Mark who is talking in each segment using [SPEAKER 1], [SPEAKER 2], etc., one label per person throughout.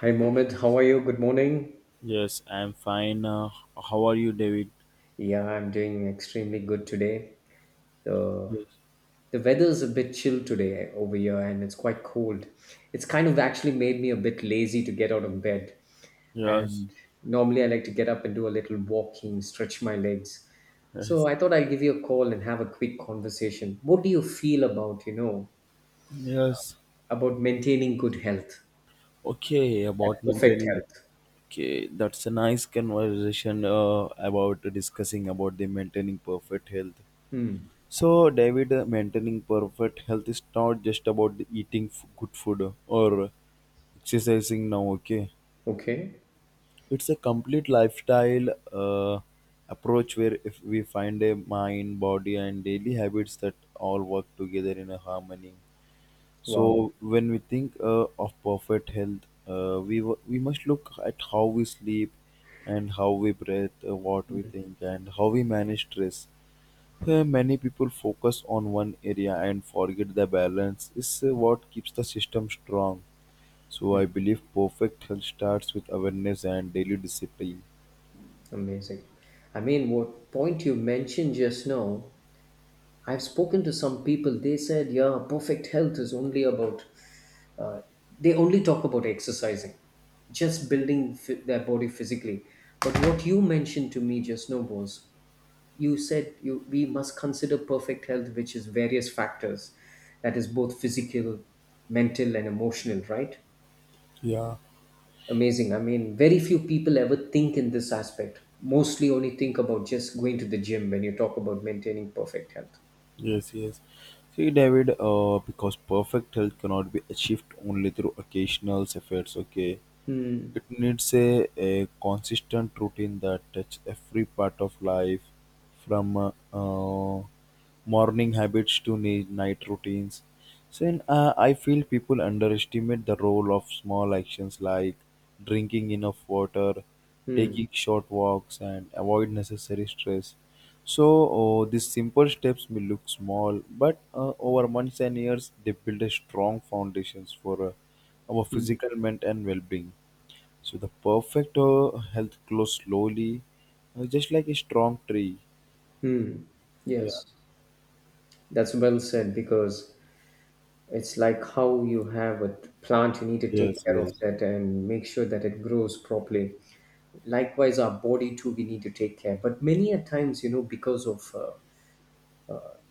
[SPEAKER 1] Hi, Mohammed. How are you? Good morning.
[SPEAKER 2] Yes, I'm fine. How are you, David?
[SPEAKER 1] Yeah, I'm doing extremely good today. The
[SPEAKER 2] Yes.
[SPEAKER 1] the weather's a bit chill today over here and it's quite cold. It's kind of actually made me a bit lazy to get out of bed.
[SPEAKER 2] Yes.
[SPEAKER 1] And normally I like to get up and do a little walking, stretch my legs.
[SPEAKER 2] Yes.
[SPEAKER 1] So I thought I'd give you a call and have a quick conversation. What do you feel about,
[SPEAKER 2] Yes.
[SPEAKER 1] about maintaining good health?
[SPEAKER 2] Okay,
[SPEAKER 1] That
[SPEAKER 2] about
[SPEAKER 1] perfect
[SPEAKER 2] maintaining.
[SPEAKER 1] health.
[SPEAKER 2] Okay, that's a nice conversation about discussing about the maintaining perfect health.
[SPEAKER 1] Hmm.
[SPEAKER 2] So, David, maintaining perfect health is not just about the eating good food or exercising now, okay?
[SPEAKER 1] Okay.
[SPEAKER 2] It's a complete lifestyle approach where if we find a mind, body, and daily habits that all work together in a harmony.
[SPEAKER 1] Wow.
[SPEAKER 2] So when we think of perfect health, we w- we must look at how we sleep and how we breathe, what we think, and how we manage stress. Many people focus on one area and forget the balance is what keeps the system strong. So I believe perfect health starts with awareness and daily discipline.
[SPEAKER 1] Amazing. I mean, what point you mentioned just now, I've spoken to some people, they said, yeah, perfect health is only about, uh, they only talk about exercising, just building their body physically. But what you mentioned to me just now was, you said you we must consider perfect health, which is various factors, that is both physical, mental, and emotional, right?
[SPEAKER 2] Yeah,
[SPEAKER 1] Amazing. I mean, very few people ever think in this aspect. Mostly only think about just going to the gym when you talk about maintaining perfect health.
[SPEAKER 2] yes, yes. See, David, because perfect health cannot be achieved only through occasional efforts, okay? It needs a consistent routine that touches every part of life, from morning habits to night routines. I feel people underestimate the role of small actions like drinking enough water,
[SPEAKER 1] Hmm.
[SPEAKER 2] taking short walks, and avoid necessary stress. These simple steps may look small, but over months and years, they build a strong foundations for our
[SPEAKER 1] Hmm.
[SPEAKER 2] physical, mental, and well-being. So the perfect health grows slowly, just like a strong tree.
[SPEAKER 1] Hmm.
[SPEAKER 2] Yeah.
[SPEAKER 1] Yes. That's well said because it's like how you have a plant, you need to take
[SPEAKER 2] Yes.
[SPEAKER 1] care of
[SPEAKER 2] Yes.
[SPEAKER 1] that and make sure that it grows properly. Likewise, our body too, we need to take care. But many a times, you know, because of, uh,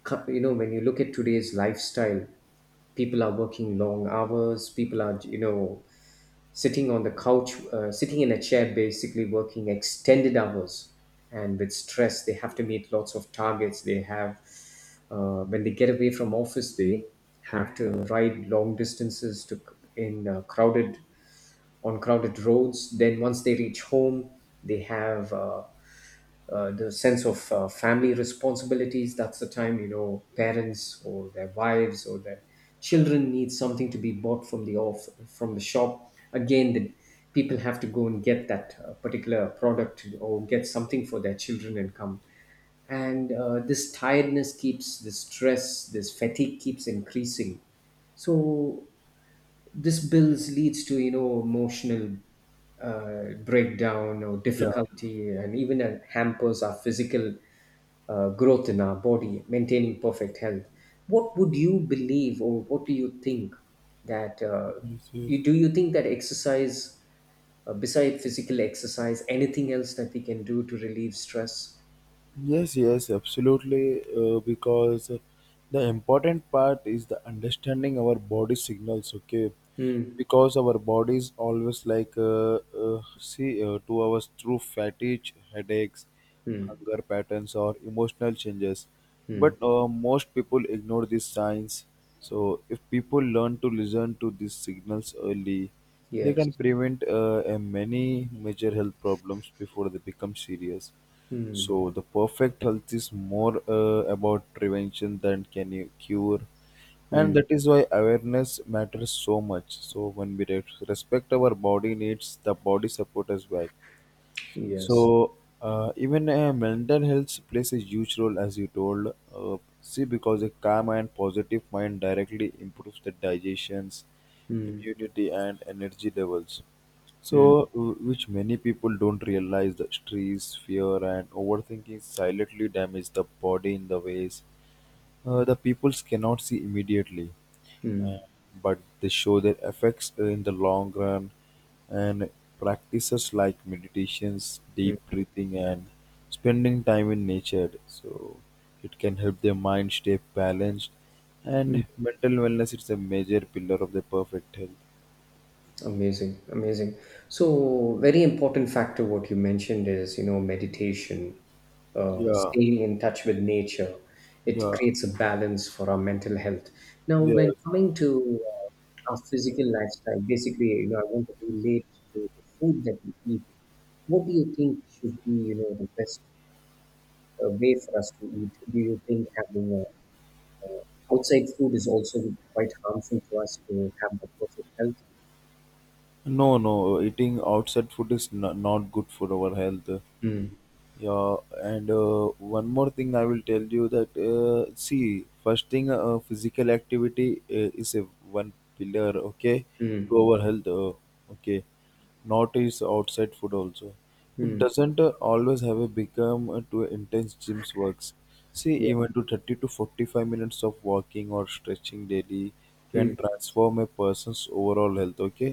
[SPEAKER 1] co- you know, when you look at today's lifestyle, people are working long hours, people are, you know, sitting on the couch, sitting in a chair, basically working extended hours. And with stress, they have to meet lots of targets. They have, when they get away from office, they have to ride long distances to in crowded on crowded roads. Then once they reach home, they have the sense of family responsibilities. That's the time, you know, parents or their wives or their children need something to be bought from the off from the shop. Again the people have to go and get that particular product or get something for their children and come, and this tiredness keeps, this stress, this fatigue keeps increasing. So this bills leads to, you know, emotional breakdown or
[SPEAKER 2] Yeah.
[SPEAKER 1] difficulty, and even hampers our physical growth in our body maintaining perfect health. What would you believe or what do you think that
[SPEAKER 2] Yes. Yes.
[SPEAKER 1] you, do you think that exercise, beside physical exercise, anything else that we can do to relieve stress?
[SPEAKER 2] Yes, yes, absolutely. Because the important part is the understanding our body signals. Okay,
[SPEAKER 1] Hmm.
[SPEAKER 2] because our body is always like see to us through fatigue, headaches, hunger patterns, or emotional changes.
[SPEAKER 1] Hmm,
[SPEAKER 2] But most people ignore these signs. So if people learn to listen to these signals early, they
[SPEAKER 1] yes.
[SPEAKER 2] can prevent many major health problems before they become serious. So the perfect health is more about prevention than can you cure,
[SPEAKER 1] Hmm.
[SPEAKER 2] and that is why awareness matters so much. So when we respect our body needs, the body support us back.
[SPEAKER 1] Yes.
[SPEAKER 2] So even mental health plays a huge role, as you told. See, because a calm and positive mind directly improves the digestions, immunity, and energy levels.
[SPEAKER 1] Hmm.
[SPEAKER 2] So, which many people don't realize, the stress, fear, and overthinking silently damage the body in the ways the peoples cannot see immediately, uh, but they show their effects in the long run. And practices like meditations,
[SPEAKER 1] Hmm,
[SPEAKER 2] deep breathing, and spending time in nature, so it can help their mind stay balanced.
[SPEAKER 1] hmm.
[SPEAKER 2] And mental wellness is a major pillar of the perfect health.
[SPEAKER 1] Amazing, amazing. So, very important factor what you mentioned is, you know, meditation,
[SPEAKER 2] Yeah,
[SPEAKER 1] staying in touch with nature. It
[SPEAKER 2] yeah,
[SPEAKER 1] creates a balance for our mental health. Now,
[SPEAKER 2] yeah.
[SPEAKER 1] when coming to our physical lifestyle, basically, you know, I want to relate to the food that we eat. What do you think should be, you know, the best way for us to eat? Do you think having outside food is also quite harmful to us to have the perfect health?
[SPEAKER 2] No, no, eating outside food is not, not good for our health.
[SPEAKER 1] Mm,
[SPEAKER 2] Yeah, and one more thing I will tell you that see, first thing, physical activity is a one pillar, okay, to
[SPEAKER 1] mm,
[SPEAKER 2] our health, okay. Not is outside food also. It
[SPEAKER 1] mm.
[SPEAKER 2] doesn't always have a become to intense gyms works. See, even to 30 to 45 minutes of walking or stretching daily
[SPEAKER 1] Hmm.
[SPEAKER 2] can transform a person's overall health, okay?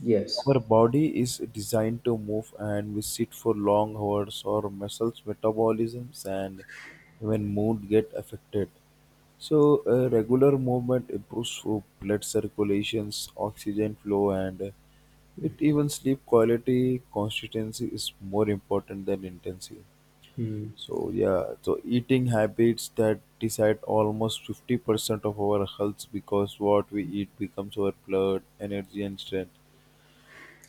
[SPEAKER 1] Yes.
[SPEAKER 2] Our body is designed to move and we sit for long hours, our muscles, metabolisms, and even mood get affected. So, regular movement improves for blood circulations, oxygen flow, and it even sleep quality. Consistency is more important than intensity.
[SPEAKER 1] Hmm.
[SPEAKER 2] So, yeah, so eating habits that decide almost 50% of our health because what we eat becomes our blood, energy, and strength.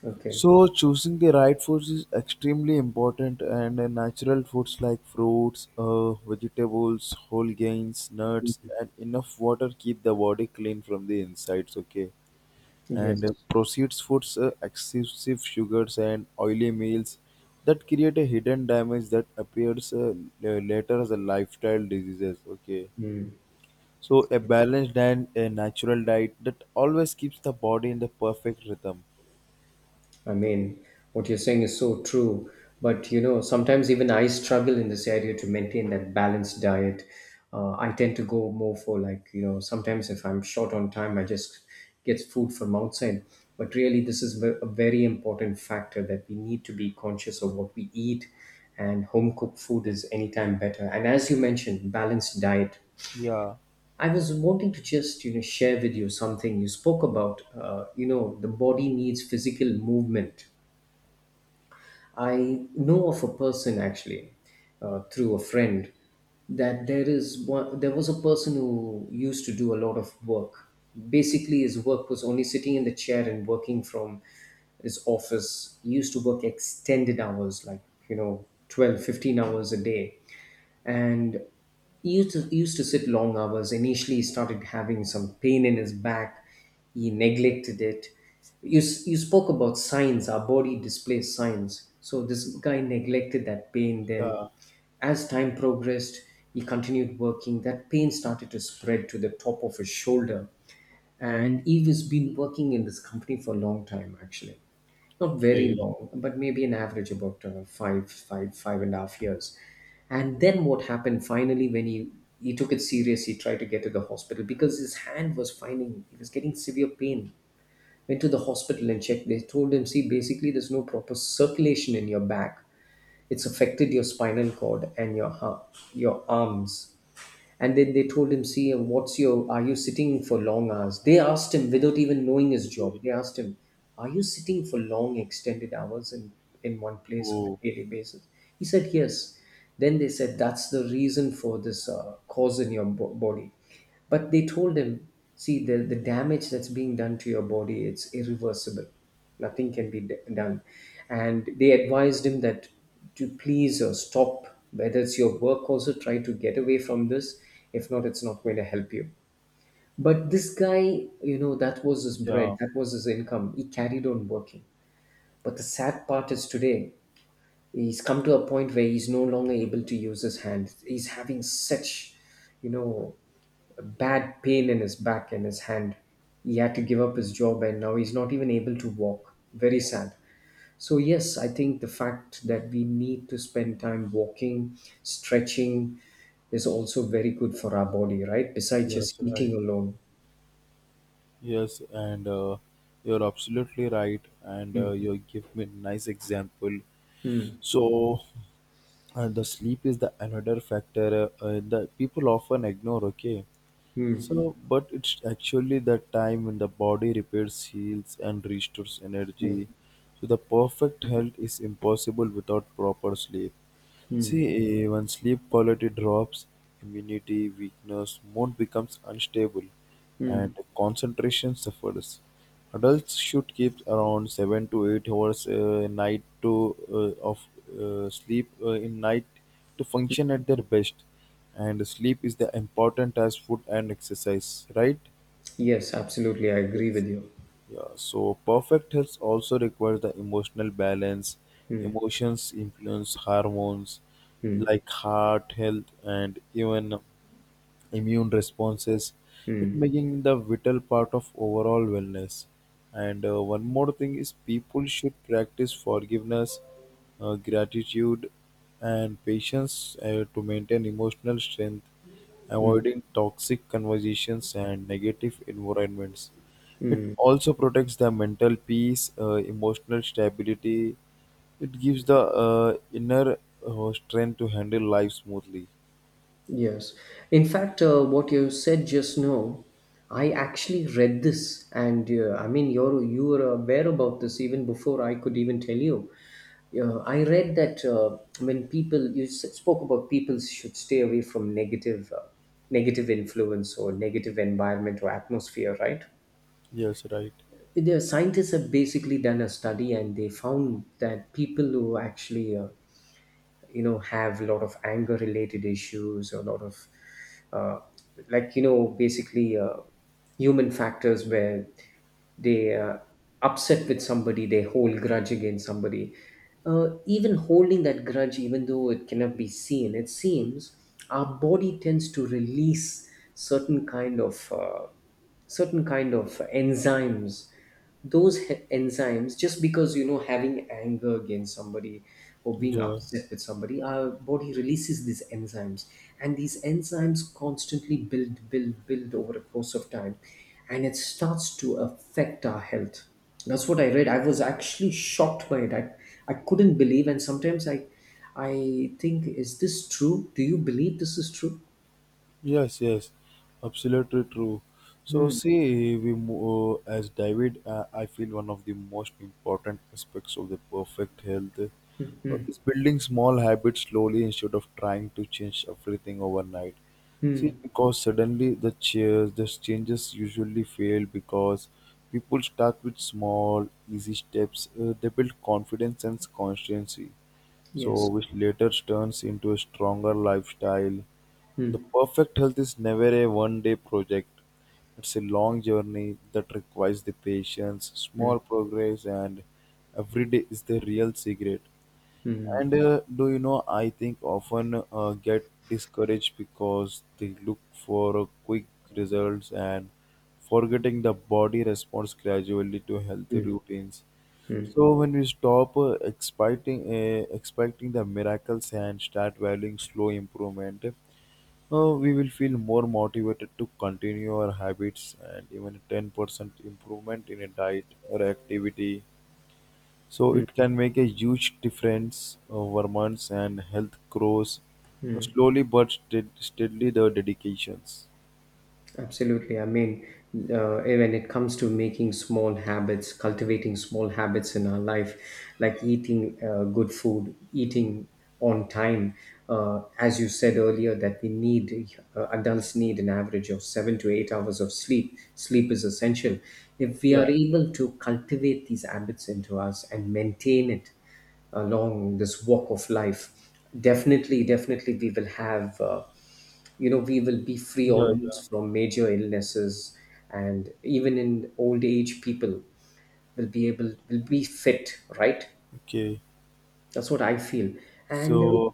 [SPEAKER 1] Okay.
[SPEAKER 2] So choosing the right foods is extremely important and natural foods like fruits, vegetables, whole grains, nuts and enough water keep the body clean from the insides, okay,
[SPEAKER 1] Yes.
[SPEAKER 2] and processed foods excessive sugars and oily meals that create a hidden damage that appears later as a lifestyle diseases, okay,
[SPEAKER 1] Hmm.
[SPEAKER 2] so a balanced and a natural diet that always keeps the body in the perfect rhythm.
[SPEAKER 1] I mean, what you're saying is so true. But you know, sometimes even I struggle in this area to maintain that balanced diet. I tend to go more for, like, you know. Sometimes if I'm short on time, I just get food from outside. But really, this is a very important factor that we need to be conscious of what we eat, and home cooked food is anytime better. And as you mentioned, balanced diet.
[SPEAKER 2] Yeah,
[SPEAKER 1] I was wanting to just, you know, share with you something you spoke about. You know, the body needs physical movement. I know of a person actually through a friend that there is one. There was a person who used to do a lot of work. Basically, his work was only sitting in the chair and working from his office. He used to work extended hours, like, you know, 12-15 hours a day, and he used to sit long hours. Initially, he started having some pain in his back. He neglected it. You, you spoke about signs, our body displays signs. So this guy neglected that pain. Then
[SPEAKER 2] yeah,
[SPEAKER 1] as time progressed, he continued working, that pain started to spread to the top of his shoulder. And he was been working in this company for a long time actually, not very
[SPEAKER 2] okay.
[SPEAKER 1] long, but maybe an average about 5.5 years. And then what happened finally when he took it serious, he tried to get to the hospital because his hand was finding, he was getting severe pain. Went to the hospital and checked. They told him, see, basically there's no proper circulation in your back. It's affected your spinal cord and your your arms. And then they told him, see, what's your, are you sitting for long hours? They asked him without even knowing his job. They asked him, are you sitting for long extended hours in one place on
[SPEAKER 2] Oh,
[SPEAKER 1] a daily basis? He said, yes. Then they said, that's the reason for this cause in your body. But they told him, see, the damage that's being done to your body, it's irreversible. Nothing can be done. And they advised him that to please stop, whether it's your work, also try to get away from this. If not, it's not going to help you. But this guy, you know, that was his bread,
[SPEAKER 2] yeah,
[SPEAKER 1] that was his income, he carried on working. But the sad part is today he's come to a point where he's no longer able to use his hand. He's having such, you know, bad pain in his back and his hand. He had to give up his job and now he's not even able to walk. Very sad. So, yes, I think the fact that we need to spend time walking, stretching is also very good for our body, right? Besides
[SPEAKER 2] yes,
[SPEAKER 1] just
[SPEAKER 2] right.
[SPEAKER 1] eating alone.
[SPEAKER 2] Yes, and you're absolutely right. And you give me a nice example. So, the sleep is the another factor that people often ignore. Okay,
[SPEAKER 1] Hmm.
[SPEAKER 2] so, but it's actually the time when the body repairs, heals, and restores energy. So, the perfect health is impossible without proper sleep. See, when sleep quality drops, immunity, weakness, mood becomes unstable, and
[SPEAKER 1] Hmm.
[SPEAKER 2] concentration suffers. Adults should keep around 7 to 8 hours night to of sleep in night to function at their best, and sleep is the important as food and exercise, right?
[SPEAKER 1] Yes, absolutely. I agree
[SPEAKER 2] Yes.
[SPEAKER 1] with you.
[SPEAKER 2] Yeah, so perfect health also requires the emotional balance. Emotions influence hormones like heart health and even immune responses, it making the vital part of overall wellness. And one more thing is people should practice forgiveness, gratitude, and patience to maintain emotional strength. Avoiding toxic conversations and negative environments, it also protects the mental peace, emotional stability, it gives the inner strength to handle life smoothly.
[SPEAKER 1] Yes. In fact, what you said just now, I actually read this, and I mean, you were aware about this even before I could even tell you. I read that when people, you spoke about, people should stay away from negative, negative influence or negative environment or atmosphere, right?
[SPEAKER 2] Yes, right.
[SPEAKER 1] The scientists have basically done a study, and they found that people who actually you know, have a lot of anger related issues, a lot of uh, like, you know, basically human factors where they upset with somebody, they hold grudge against somebody, even holding that grudge even though it cannot be seen, it seems our body tends to release certain kind of enzymes. Those enzymes, just because, you know, having anger against somebody or being
[SPEAKER 2] Yeah.
[SPEAKER 1] upset with somebody, our body releases these enzymes. And these enzymes constantly build, build, build over a course of time, and it starts to affect our health. That's what I read. I was actually shocked by it. I couldn't believe. And sometimes I think, is this true? Do you believe this is true?
[SPEAKER 2] Yes, yes, absolutely true. So, see, we move, as David, I feel one of the most important aspects of the perfect health is building small habits slowly instead of trying to change everything overnight. See,
[SPEAKER 1] Hmm.
[SPEAKER 2] because suddenly the chairs, the changes usually fail because people start with small, easy steps. They build confidence and consistency so
[SPEAKER 1] Yes.
[SPEAKER 2] which later turns into a stronger lifestyle. The perfect health is never a one day project. It's a long journey that requires the patience, small progress, and every day is the real secret. And do you know, I think often get discouraged because they look for quick results and forgetting the body responds gradually to healthy routines. So when we stop expecting the miracles and start valuing slow improvement, we will feel more motivated to continue our habits and even a 10% improvement in a diet or activity. So it can make a huge difference over months and health grows slowly but steadily the dedications.
[SPEAKER 1] Absolutely. I mean, when it comes to making small habits, cultivating small habits in our life, like eating good food, eating on time, as you said earlier, that we need, adults need an average of 7 to 8 hours of sleep. Sleep is essential. If we
[SPEAKER 2] Yeah,
[SPEAKER 1] are able to cultivate these habits into us and maintain it, along this walk of life, definitely we will have, you know, we will be free
[SPEAKER 2] yeah, yeah.
[SPEAKER 1] almost from major illnesses, and even in old age, people will be fit, right?
[SPEAKER 2] Okay.
[SPEAKER 1] That's what I feel. And
[SPEAKER 2] So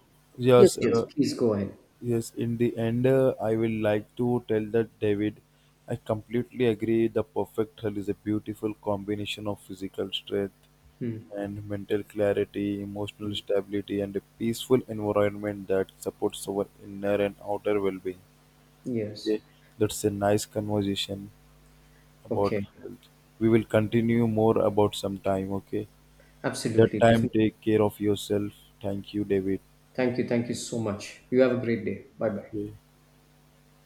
[SPEAKER 1] yes,
[SPEAKER 2] yes,
[SPEAKER 1] yes, please go ahead.
[SPEAKER 2] yes, in the end, I will like to tell that David, I completely agree. The perfect hull is a beautiful combination of physical strength
[SPEAKER 1] Hmm.
[SPEAKER 2] and mental clarity, emotional stability, and a peaceful environment that supports our inner and outer well being.
[SPEAKER 1] Yes.
[SPEAKER 2] Okay, that's a nice conversation about
[SPEAKER 1] Okay.
[SPEAKER 2] health. We will continue more about some time. Okay, that
[SPEAKER 1] Absolutely,
[SPEAKER 2] time,
[SPEAKER 1] definitely.
[SPEAKER 2] take care of yourself. Thank you, David.
[SPEAKER 1] Thank you, thank you so much. You have a great day. Bye bye.
[SPEAKER 2] Okay.